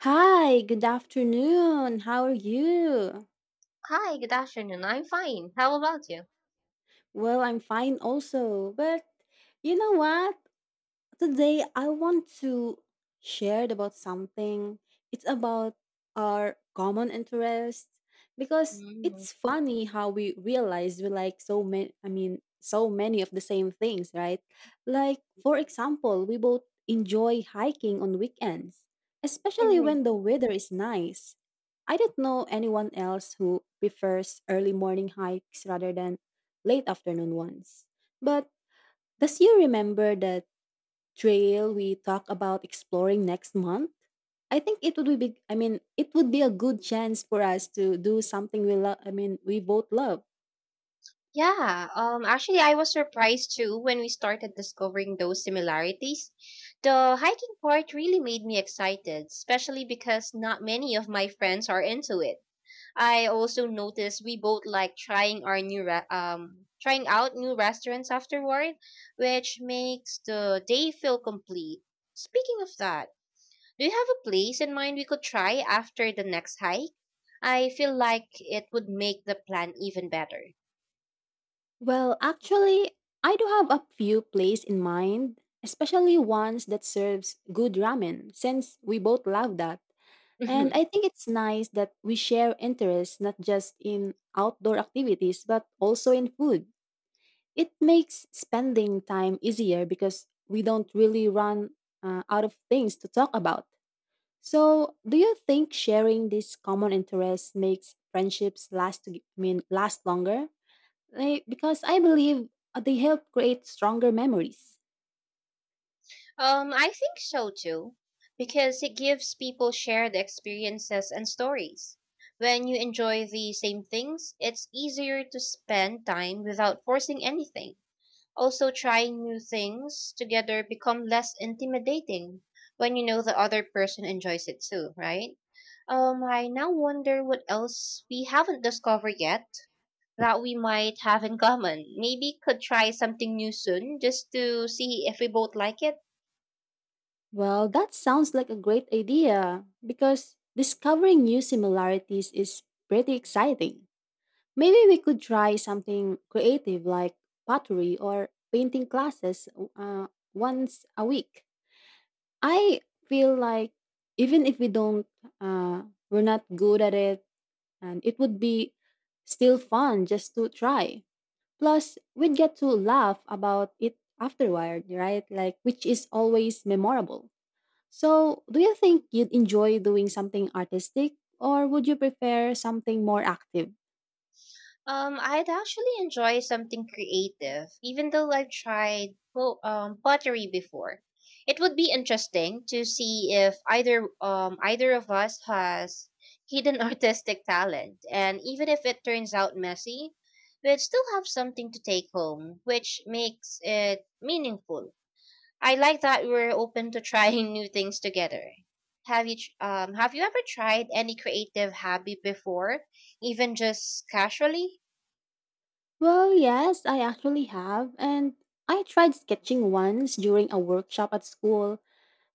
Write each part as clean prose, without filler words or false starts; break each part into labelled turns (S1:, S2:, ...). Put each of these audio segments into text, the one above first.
S1: Hi, good afternoon. How are you?
S2: Hi, good afternoon. I'm fine. How about you?
S1: Well, I'm fine also. But you know what? Today, I want to share about something. It's about our common interest because
S2: Mm,
S1: it's funny how we realize we like so many of the same things, right? Like, for example, we both enjoy hiking on weekends, especially
S2: mhm.
S1: when the weather is nice. I don't know anyone else who prefers early morning hikes rather than late afternoon ones. But does you remember that? Trail we talk about exploring next month. I think it would be big, I mean it would be a good chance for us to do something we both love.
S2: Yeah, actually, I was surprised too when we started discovering those similarities. The hiking part really made me excited, especially because not many of my friends are into it. I also noticed we both like trying out new restaurants afterward, which makes the day feel complete. Speaking of that, do you have a place in mind we could try after the next hike? I feel like it would make the plan even better.
S1: Well, actually, I do have a few places in mind, especially ones that serves good ramen since we both love that. And
S2: Mhm.
S1: I think it's nice that we share interests not just in outdoor activities but also in food. It makes spending time easier because we don't really run out of things to talk about. So, do you think sharing these common interests makes friendships last longer? Like, because I believe they help create stronger memories.
S2: I think so too, because it gives people shared experiences and stories. When you enjoy the same things, it's easier to spend time without forcing anything. Also, trying new things together become less intimidating when you know the other person enjoys it too, right? I now wonder what else we haven't discovered yet that we might have in common. Maybe could try something new soon just to see if we both like it.
S1: Well, that sounds like a great idea because discovering new similarities is pretty exciting. Maybe we could try something creative like pottery or painting classes uh, once a week. I feel like even if uh, we're not good at it, and it would be still fun just to try. Plus, we'd get to laugh about it afterward, right? Like, which is always memorable. So, do you think you'd enjoy doing something artistic, or would you prefer something more active?
S2: I'd actually enjoy something creative, even though I've pottery before. It would be interesting to see if either of us has hidden artistic talent, and even if it turns out messy, we'd still have something to take home, which makes it meaningful. I like that we're open to trying new things together. Have you ever tried any creative hobby before, even just casually?
S1: Well, yes, I actually have. And I tried sketching once during a workshop at school,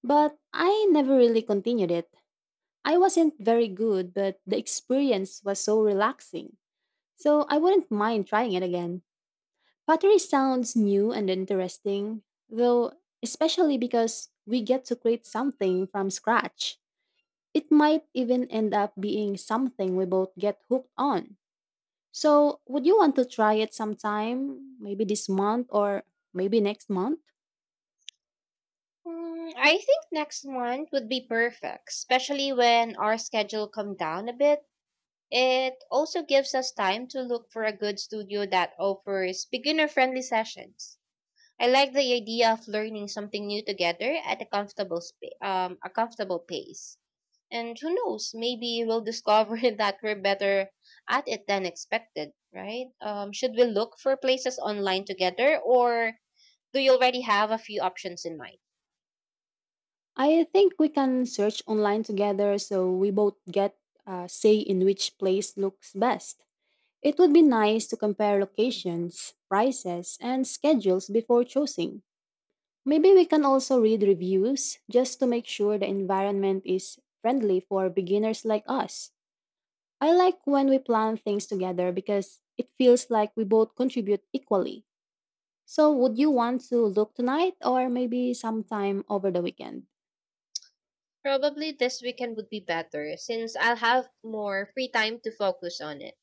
S1: but I never really continued it. I wasn't very good, but the experience was so relaxing. So I wouldn't mind trying it again. Pottery sounds new and interesting, though, especially because we get to create something from scratch. It might even end up being something we both get hooked on. So, would you want to try it sometime? Maybe this month or maybe next month?
S2: Mm, I think next month would be perfect, especially when our schedule come down a bit. It also gives us time to look for a good studio that offers beginner-friendly sessions. I like the idea of learning something new together at a a comfortable pace. And who knows, maybe we'll discover that we're better at it than expected, right? Should we look for places online together, or do you already have a few options in mind?
S1: I think we can search online together so we both get a say in which place looks best. It would be nice to compare locations, prices, and schedules before choosing. Maybe we can also read reviews just to make sure the environment is friendly for beginners like us. I like when we plan things together because it feels like we both contribute equally. So, would you want to look tonight or maybe sometime over the weekend?
S2: Probably this weekend would be better since I'll have more free time to focus on it.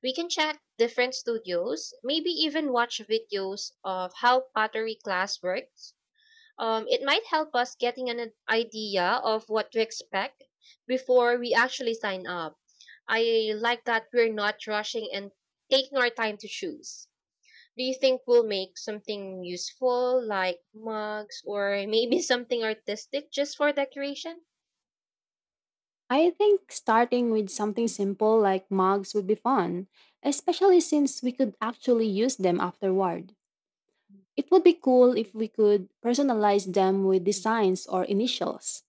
S2: We can check different studios, maybe even watch videos of how pottery class works. It might help us getting an idea of what to expect before we actually sign up. I like that we're not rushing and taking our time to choose. Do you think we'll make something useful like mugs or maybe something artistic just for decoration?
S1: I think starting with something simple like mugs would be fun, especially since we could actually use them afterward. It would be cool if we could personalize them with designs or initials,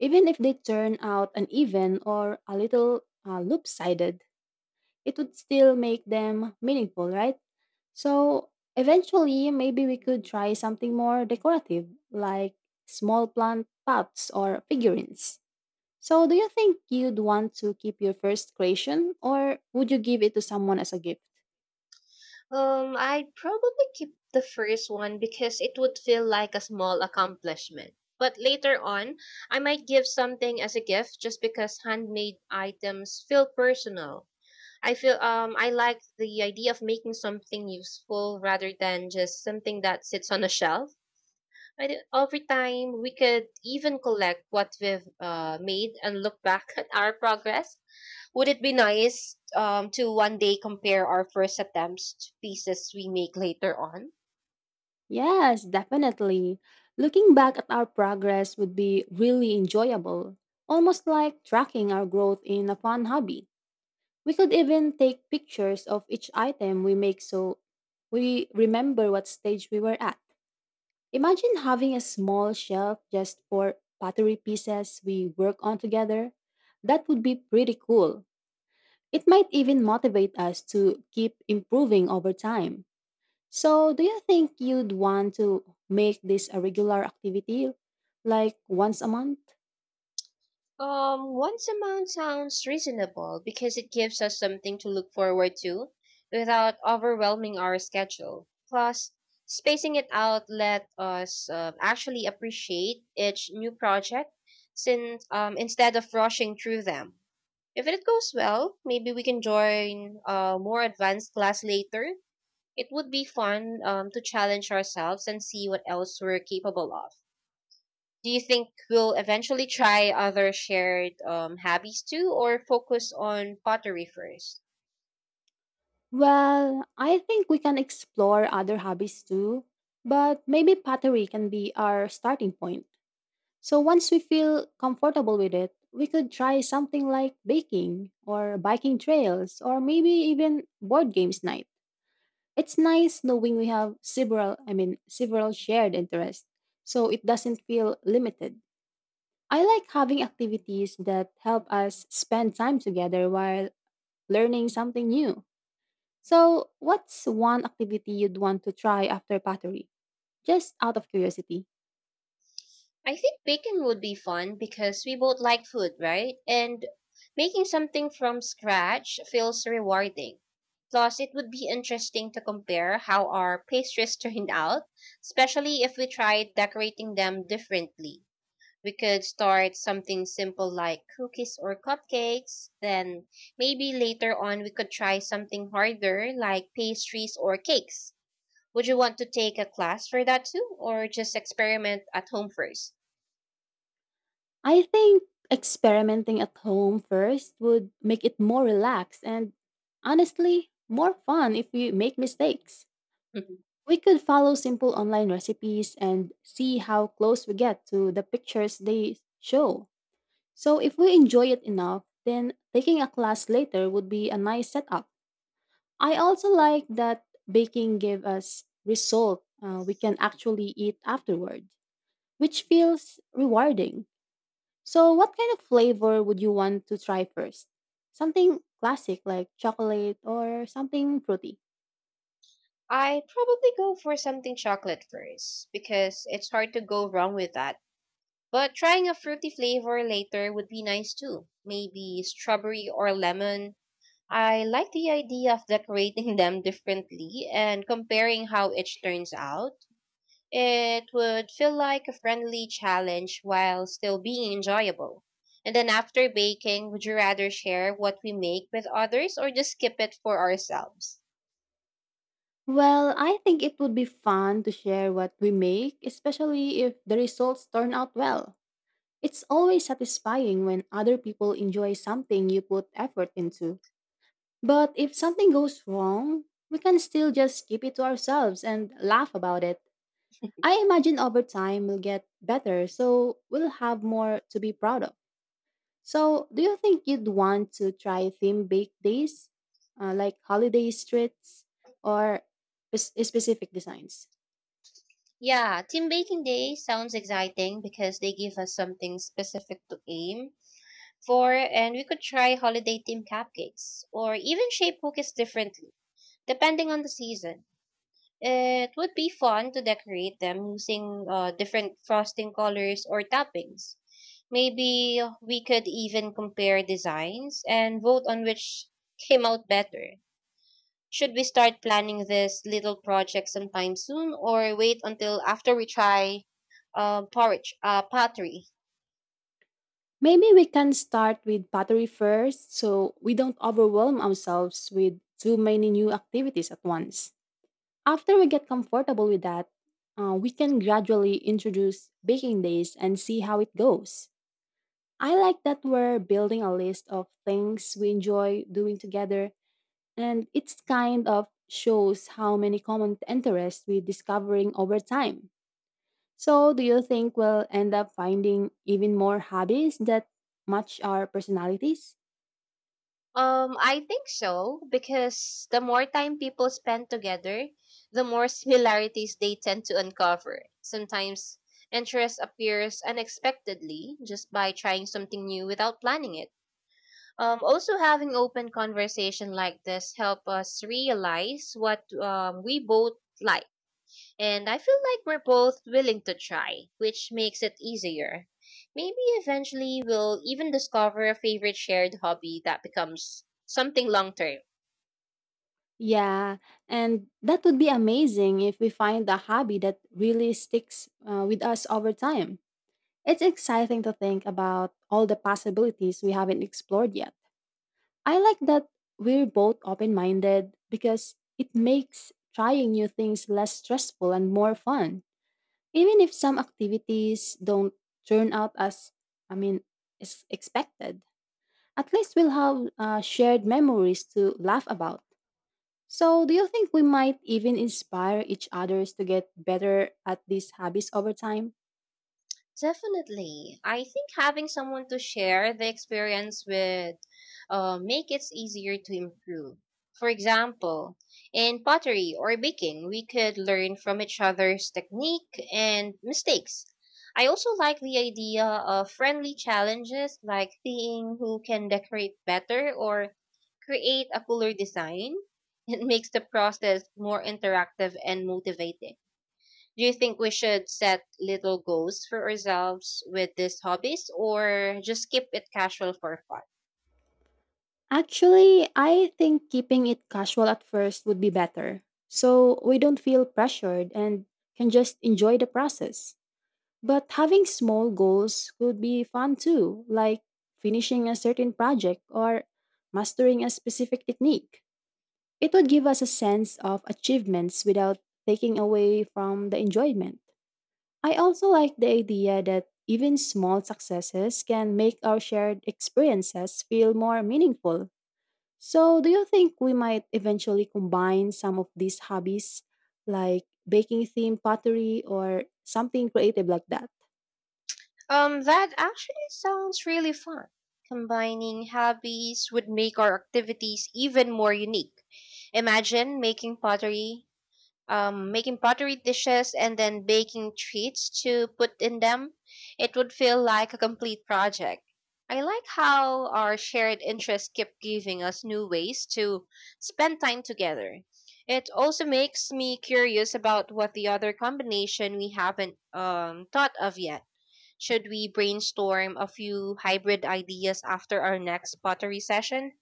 S1: even if they turn out uneven or a little loop sided. It would still make them meaningful, right? So eventually, maybe we could try something more decorative, like small plant pots or figurines. So, do you think you'd want to keep your first creation or would you give it to someone as a gift?
S2: I'd probably keep the first one because it would feel like a small accomplishment. But later on, I might give something as a gift just because handmade items feel personal. I like the idea of making something useful rather than just something that sits on a shelf. Over time, we could even collect what we've made and look back at our progress. Would it be nice to one day compare our first attempts to pieces we make later on?
S1: Yes, definitely. Looking back at our progress would be really enjoyable, almost like tracking our growth in a fun hobby. We could even take pictures of each item we make so we remember what stage we were at. Imagine having a small shelf just for pottery pieces we work on together. That would be pretty cool. It might even motivate us to keep improving over time. So, do you think you'd want to make this a regular activity, like once a month?
S2: Once amount sounds reasonable because it gives us something to look forward to without overwhelming our schedule. Plus, spacing it out let us actually appreciate each new project since instead of rushing through them. If it goes well, maybe we can join a more advanced class later. It would be fun to challenge ourselves and see what else we're capable of. Do you think we'll eventually try other shared hobbies too, or focus on pottery first?
S1: Well, I think we can explore other hobbies too, but maybe pottery can be our starting point. So once we feel comfortable with it, we could try something like baking or biking trails or maybe even board games night. It's nice knowing we have several shared interests, so it doesn't feel limited. I like having activities that help us spend time together while learning something new. So, what's one activity you'd want to try after pottery? Just out of curiosity.
S2: I think baking would be fun because we both like food, right? And making something from scratch feels rewarding. Plus, it would be interesting to compare how our pastries turned out, especially if we tried decorating them differently. We could start something simple like cookies or cupcakes, then maybe later on we could try something harder like pastries or cakes. Would you want to take a class for that too, or just experiment at home first?
S1: I think experimenting at home first would make it more relaxed and honestly, more fun if we make mistakes. We could follow simple online recipes and see how close we get to the pictures they show. So, if we enjoy it enough, then taking a class later would be a nice setup. I also like that baking gave us result we can actually eat afterward, which feels rewarding. So, what kind of flavor would you want to try first? Something classic like chocolate or something fruity?
S2: I'd probably go for something chocolate first because it's hard to go wrong with that. But trying a fruity flavor later would be nice too. Maybe strawberry or lemon. I like the idea of decorating them differently and comparing how each turns out. It would feel like a friendly challenge while still being enjoyable. And then after baking, would you rather share what we make with others or just keep it for ourselves?
S1: Well, I think it would be fun to share what we make, especially if the results turn out well. It's always satisfying when other people enjoy something you put effort into. But if something goes wrong, we can still just keep it to ourselves and laugh about it. I imagine over time we'll get better, so we'll have more to be proud of. So, do you think you'd want to try theme baked days, like holiday streets or specific designs?
S2: Yeah, team baking day sounds exciting because they give us something specific to aim for, and we could try holiday themed cupcakes or even shape cookies differently, depending on the season. It would be fun to decorate them using different frosting colors or toppings. Maybe we could even compare designs and vote on which came out better. Should we start planning this little project sometime soon or wait until after we try pottery?
S1: Maybe we can start with pottery first so we don't overwhelm ourselves with too many new activities at once. After we get comfortable with that, we can gradually introduce baking days and see how it goes. I like that we're building a list of things we enjoy doing together, and it's kind of shows how many common interests we're discovering over time. So, do you think we'll end up finding even more hobbies that match our personalities?
S2: I think so because the more time people spend together, the more similarities they tend to uncover. Sometimes interest appears unexpectedly just by trying something new without planning it. Also having open conversation like this help us realize what we both like, and I feel like we're both willing to try, which makes it easier. Maybe eventually we'll even discover a favorite shared hobby that becomes something long term.
S1: Yeah, and that would be amazing if we find a hobby that really sticks with us over time. It's exciting to think about all the possibilities we haven't explored yet. I like that we're both open minded because it makes trying new things less stressful and more fun. Even if some activities don't turn out as, I mean, as expected, at least we'll have shared memories to laugh about. So, do you think we might even inspire each others to get better at these hobbies over time?
S2: Definitely. I think having someone to share the experience with make it easier to improve. For example, in pottery or baking, we could learn from each other's technique and mistakes. I also like the idea of friendly challenges like seeing who can decorate better or create a cooler design. It makes the process more interactive and motivating. Do you think we should set little goals for ourselves with these hobbies or just keep it casual for fun?
S1: Actually, I think keeping it casual at first would be better. So we don't feel pressured and can just enjoy the process. But having small goals could be fun too, like finishing a certain project or mastering a specific technique. It would give us a sense of achievements without taking away from the enjoyment. I also like the idea that even small successes can make our shared experiences feel more meaningful. So, do you think we might eventually combine some of these hobbies, like baking themed pottery or something creative like that?
S2: That actually sounds really fun. Combining hobbies would make our activities even more unique. Imagine making pottery, making pottery dishes and then baking treats to put in them. It would feel like a complete project. I like how our shared interests keep giving us new ways to spend time together. It also makes me curious about what the other combination we haven't thought of yet. Should we brainstorm a few hybrid ideas after our next pottery session?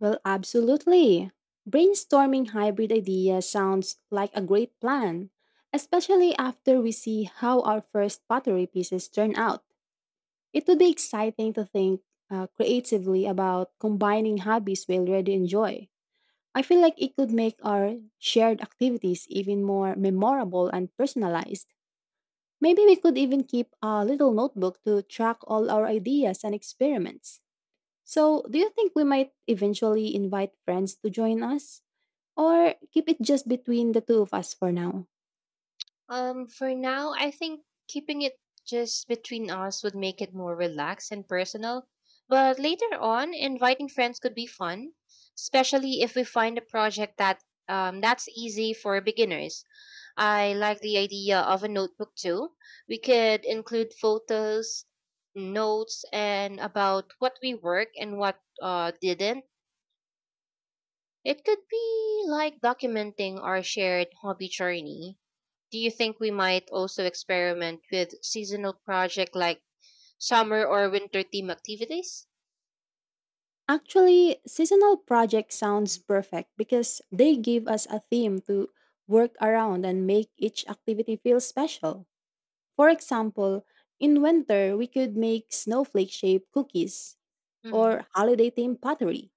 S1: Well, absolutely. Brainstorming hybrid ideas sounds like a great plan, especially after we see how our first pottery pieces turn out. It would be exciting to think creatively about combining hobbies we already enjoy. I feel like it could make our shared activities even more memorable and personalized. Maybe we could even keep a little notebook to track all our ideas and experiments. So, do you think we might eventually invite friends to join us? Or keep it just between the two of us for now?
S2: For now, I think keeping it just between us would make it more relaxed and personal. But later on, inviting friends could be fun, especially if we find a project that's easy for beginners. I like the idea of a notebook too. We could include photos, notes, and about what we work and what didn't. It could be like documenting our shared hobby journey. Do you think we might also experiment with seasonal project like summer or winter theme activities?
S1: Actually, seasonal project sounds perfect because they give us a theme to work around and make each activity feel special. For example, in winter, we could make snowflake shaped cookies
S2: Hmm.
S1: or holiday themed pottery.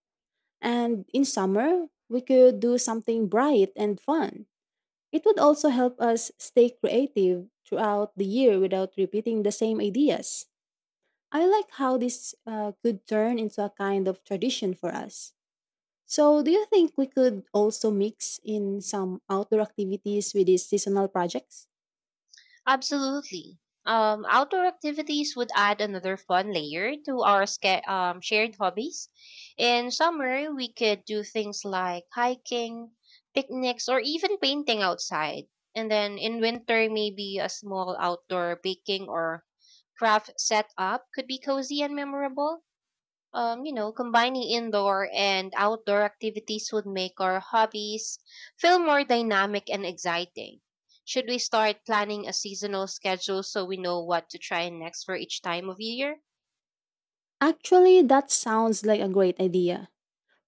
S1: And in summer, we could do something bright and fun. It would also help us stay creative throughout the year without repeating the same ideas. I like how this could turn into a kind of tradition for us. So, do you think we could also mix in some outdoor activities with these seasonal projects?
S2: Absolutely. Outdoor activities would add another fun layer to our shared hobbies. In summer, we could do things like hiking, picnics, or even painting outside. And then in winter, maybe a small outdoor baking or craft setup could be cozy and memorable. You know, combining indoor and outdoor activities would make our hobbies feel more dynamic and exciting. Should we start planning a seasonal schedule so we know what to try next for each time of year?
S1: Actually, that sounds like a great idea.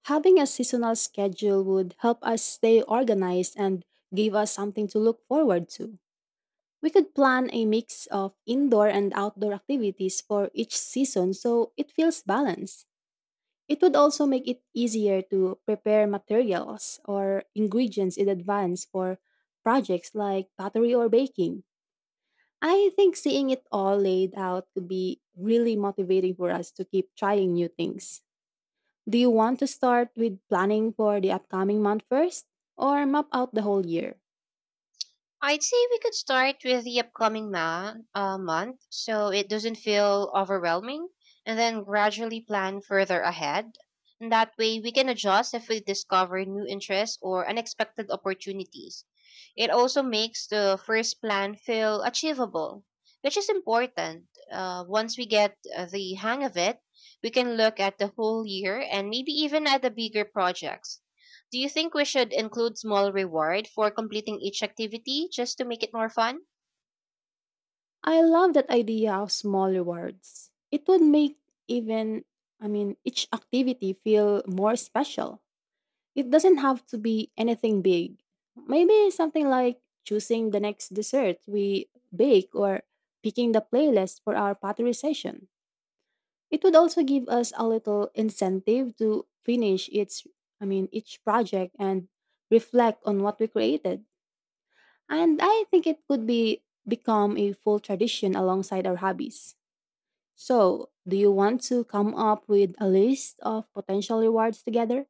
S1: Having a seasonal schedule would help us stay organized and give us something to look forward to. We could plan a mix of indoor and outdoor activities for each season so it feels balanced. It would also make it easier to prepare materials or ingredients in advance for projects like pottery or baking. I think seeing it all laid out could be really motivating for us to keep trying new things. Do you want to start with planning for the upcoming month first or map out the whole year?
S2: I'd say we could start with the upcoming month so it doesn't feel overwhelming and then gradually plan further ahead. And that way we can adjust if we discover new interests or unexpected opportunities. It also makes the first plan feel achievable, which is important. Once we get the hang of it, we can look at the whole year and maybe even at the bigger projects. Do you think we should include small reward for completing each activity just to make it more fun?
S1: I love that idea of small rewards. It would make even, each activity feel more special. It doesn't have to be anything big. Maybe something like choosing the next dessert we bake or picking the playlist for our pottery session. It would also give us a little incentive to finish each project and reflect on what we created. And I think it could be become a full tradition alongside our hobbies. So, do you want to come up with a list of potential rewards together?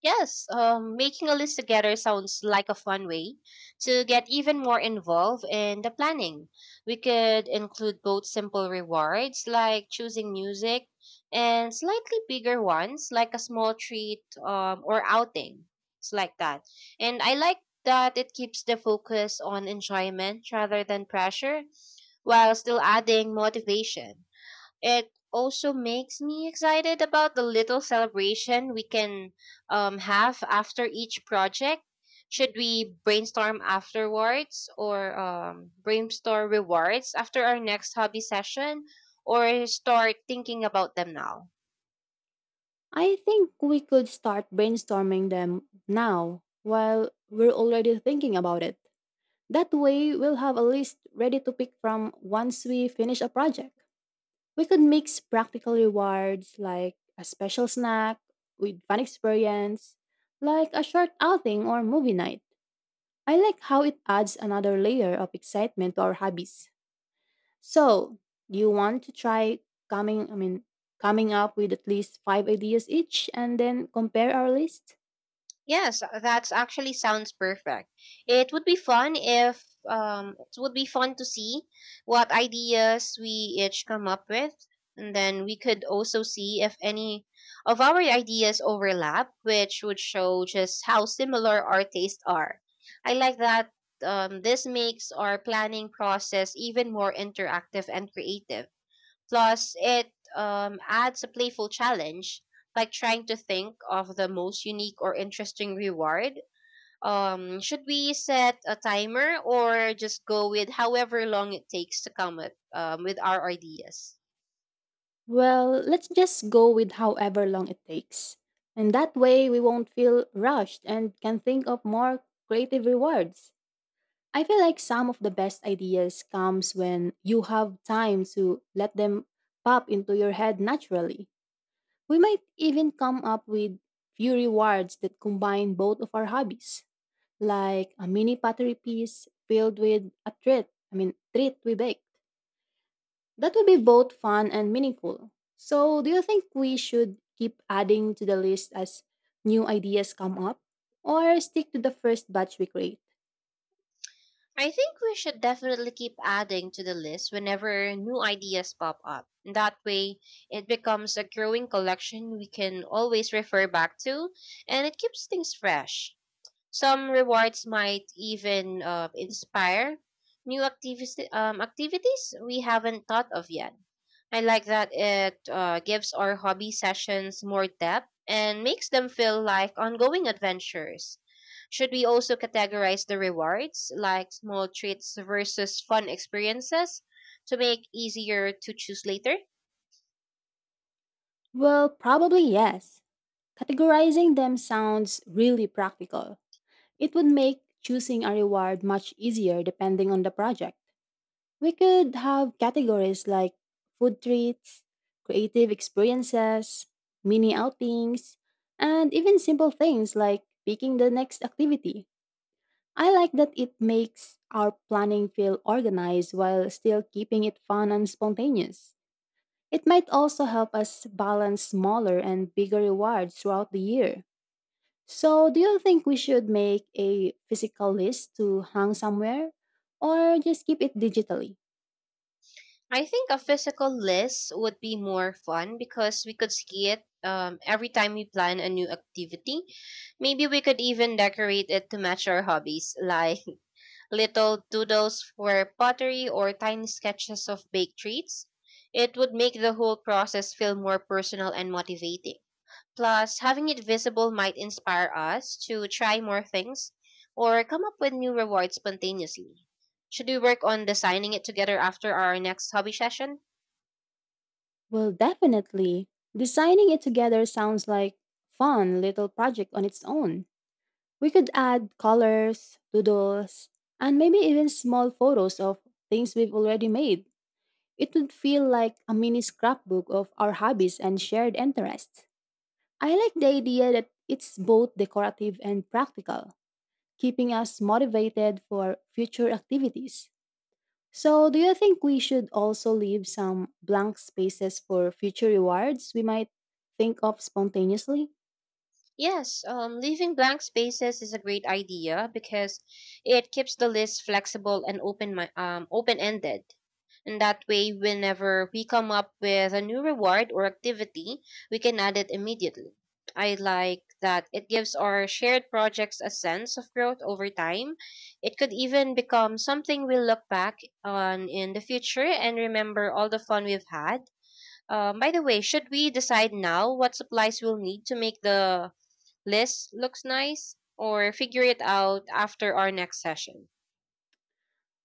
S2: Yes, making a list together sounds like a fun way to get even more involved in the planning. We could include both simple rewards like choosing music and slightly bigger ones like a small treat or outing. It's like that. And I like that it keeps the focus on enjoyment rather than pressure while still adding motivation. It also makes me excited about the little celebration we can have after each project. Should we brainstorm rewards after our next hobby session or start thinking about them now?
S1: I think we could start brainstorming them now while we're already thinking about it. That way, we'll have a list ready to pick from once we finish a project. We could mix practical rewards like a special snack with fun experience, like a short outing or movie night. I like how it adds another layer of excitement to our hobbies. So, do you want to try coming, I mean, coming up with at least five ideas each and then compare our list?
S2: Yes, that's actually sounds perfect. It would be fun if it would be fun to see what ideas we each come up with, and then we could also see if any of our ideas overlap, which would show just how similar our tastes are. I like that this makes our planning process even more interactive and creative. Plus, it adds a playful challenge, like trying to think of the most unique or interesting reward. Should we set a timer or just go with however long it takes to come up with our ideas?
S1: Well, let's just go with however long it takes. And that way we won't feel rushed and can think of more creative rewards. I feel like some of the best ideas comes when you have time to let them pop into your head naturally. We might even come up with few rewards that combine both of our hobbies, like a mini pottery piece filled with a treat we baked. That would be both fun and meaningful. So, do you think we should keep adding to the list as new ideas come up or stick to the first batch we create?
S2: I think we should definitely keep adding to the list whenever new ideas pop up. That way, it becomes a growing collection we can always refer back to, and it keeps things fresh. Some rewards might even inspire new activities, activities we haven't thought of yet. I like that it gives our hobby sessions more depth and makes them feel like ongoing adventures. Should we also categorize the rewards like small treats versus fun experiences to make easier to choose later?
S1: Well, probably yes. Categorizing them sounds really practical. It would make choosing a reward much easier depending on the project. We could have categories like food treats, creative experiences, mini outings, and even simple things like picking the next activity. I like that it makes our planning feel organized while still keeping it fun and spontaneous. It might also help us balance smaller and bigger rewards throughout the year. So, do you think we should make a physical list to hang somewhere or just keep it digitally?
S2: I think a physical list would be more fun because we could see it every time we plan a new activity. Maybe we could even decorate it to match our hobbies, like little doodles for pottery or tiny sketches of baked treats. It would make the whole process feel more personal and motivating. Plus, having it visible might inspire us to try more things or come up with new rewards spontaneously. Should we work on designing it together after our next hobby session?
S1: Well, definitely. Designing it together sounds like fun little project on its own. We could add colors, doodles, and maybe even small photos of things we've already made. It would feel like a mini scrapbook of our hobbies and shared interests. I like the idea that it's both decorative and practical, keeping us motivated for future activities. So, do you think we should also leave some blank spaces for future rewards we might think of spontaneously?
S2: Yes, leaving blank spaces is a great idea because it keeps the list flexible and open-ended. And that way, whenever we come up with a new reward or activity, we can add it immediately. I like that it gives our shared projects a sense of growth over time. It could even become something we'll look back on in the future and remember all the fun we've had. By the way, should we decide now what supplies we'll need to make the list looks nice or figure it out after our next session?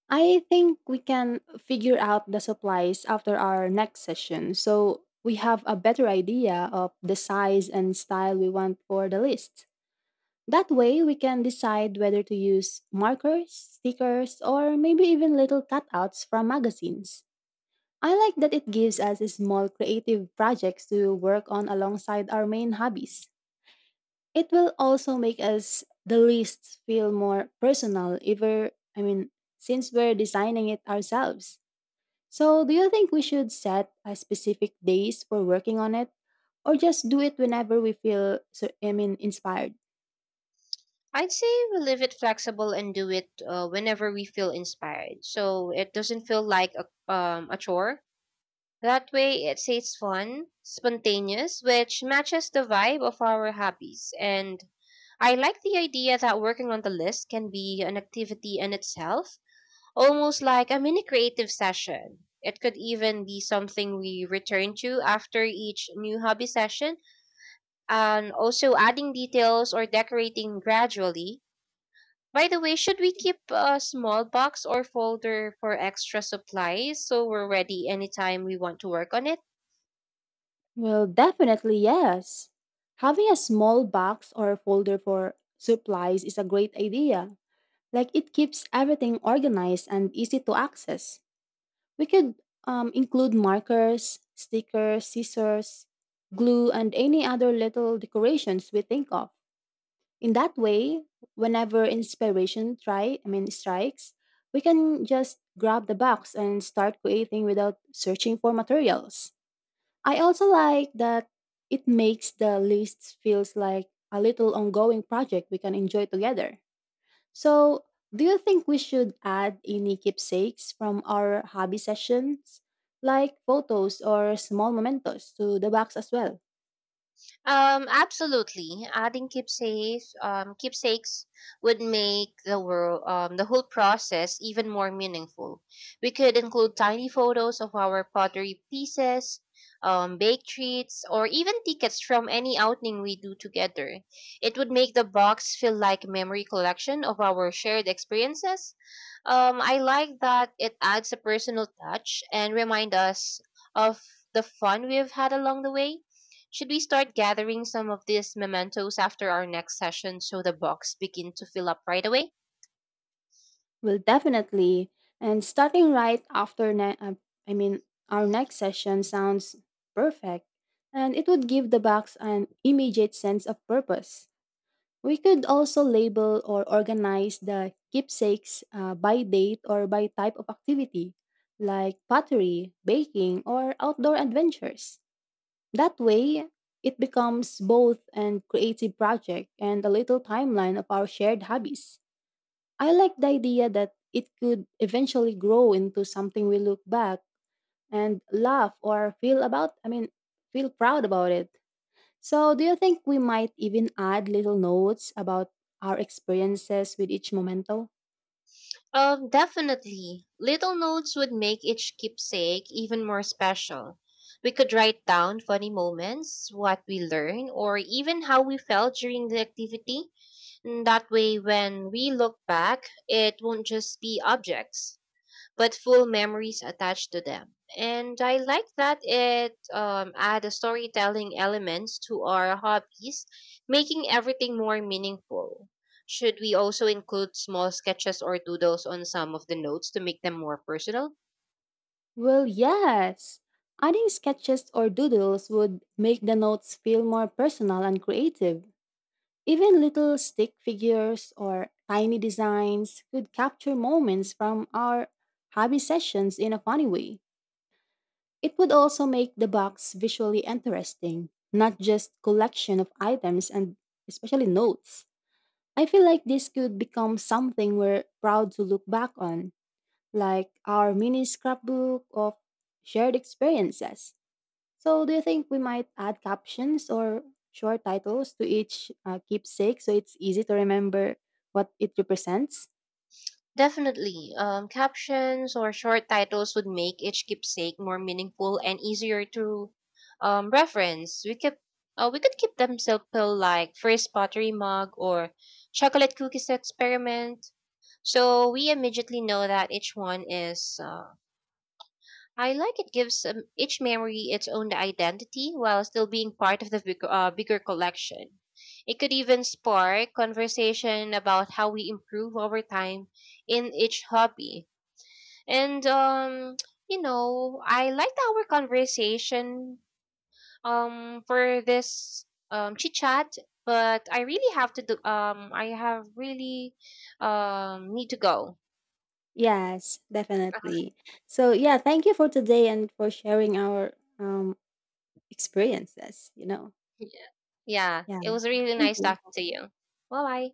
S1: I think we can figure out the supplies after our next session so we have a better idea of the size and style we want for the list. That way, we can decide whether to use markers, stickers, or maybe even little cutouts from magazines. I like that it gives us small creative projects to work on alongside our main hobbies. It will also make us the lists feel more personal ever I mean since we're designing it ourselves. So do you think we should set a specific days for working on it or just do it whenever we feel inspired?
S2: I'd say we leave it flexible and do it whenever we feel inspired. So it doesn't feel like a chore. That way, it stays fun, spontaneous, which matches the vibe of our hobbies. And I like the idea that working on the list can be an activity in itself, almost like a mini creative session. It could even be something we return to after each new hobby session and also adding details or decorating gradually. By the way, should we keep a small box or folder for extra supplies so we're ready anytime we want to work on it?
S1: Well, definitely yes. Having a small box or folder for supplies is a great idea. Like it keeps everything organized and easy to access. We could include markers, stickers, scissors, glue, and any other little decorations we think of. In that way, whenever inspiration try, I mean strikes, we can just grab the box and start creating without searching for materials. I also like that it makes the list feels like a little ongoing project we can enjoy together. So, do you think we should add any keepsakes from our hobby sessions, like photos or small mementos, to the box as well?
S2: Absolutely. Adding keepsakes, would make the whole process even more meaningful. We could include tiny photos of our pottery pieces, baked treats, or even tickets from any outing we do together. It would make the box feel like a memory collection of our shared experiences. I like that it adds a personal touch and remind us of the fun we've had along the way. Should we start gathering some of these mementos after our next session so the box begin to fill up right away?
S1: Well, definitely. And starting right after, I mean, our next session sounds perfect, and it would give the box an immediate sense of purpose. We could also label or organize the keepsakes by date or by type of activity, like pottery, baking, or outdoor adventures. That way, it becomes both an creative project and a little timeline of our shared hobbies. I like the idea that it could eventually grow into something we look back and laugh or feel proud about it. So, do you think we might even add little notes about our experiences with each memento?
S2: Definitely. Little notes would make each keepsake even more special. We could write down funny moments, what we learned, or even how we felt during the activity. And that way, when we look back, it won't just be objects, but full memories attached to them. And I like that it add a storytelling elements to our hobbies, making everything more meaningful. Should we also include small sketches or doodles on some of the notes to make them more personal?
S1: Well, yes. Adding sketches or doodles would make the notes feel more personal and creative. Even little stick figures or tiny designs could capture moments from our hobby sessions in a funny way. It would also make the box visually interesting, not just collection of items and especially notes. I feel like this could become something we're proud to look back on, like our mini scrapbook of shared experiences. So, do you think we might add captions or short titles to each keepsake so it's easy to remember what it represents?
S2: Definitely. Captions or short titles would make each keepsake more meaningful and easier to reference. We could keep them simple, like first pottery mug or chocolate cookies experiment. So we immediately know that each one is. I like it gives each memory its own identity while still being part of the bigger collection. It could even spark conversation about how we improve over time in each hobby. And I liked our conversation for this chit chat, but I have really need to go.
S1: Yes, definitely. So, yeah, thank you for today and for sharing our um, experiences, you know.
S2: Yeah. Yeah.
S1: Yeah,
S2: It was really
S1: thank
S2: nice
S1: you.
S2: talking to you. Bye bye.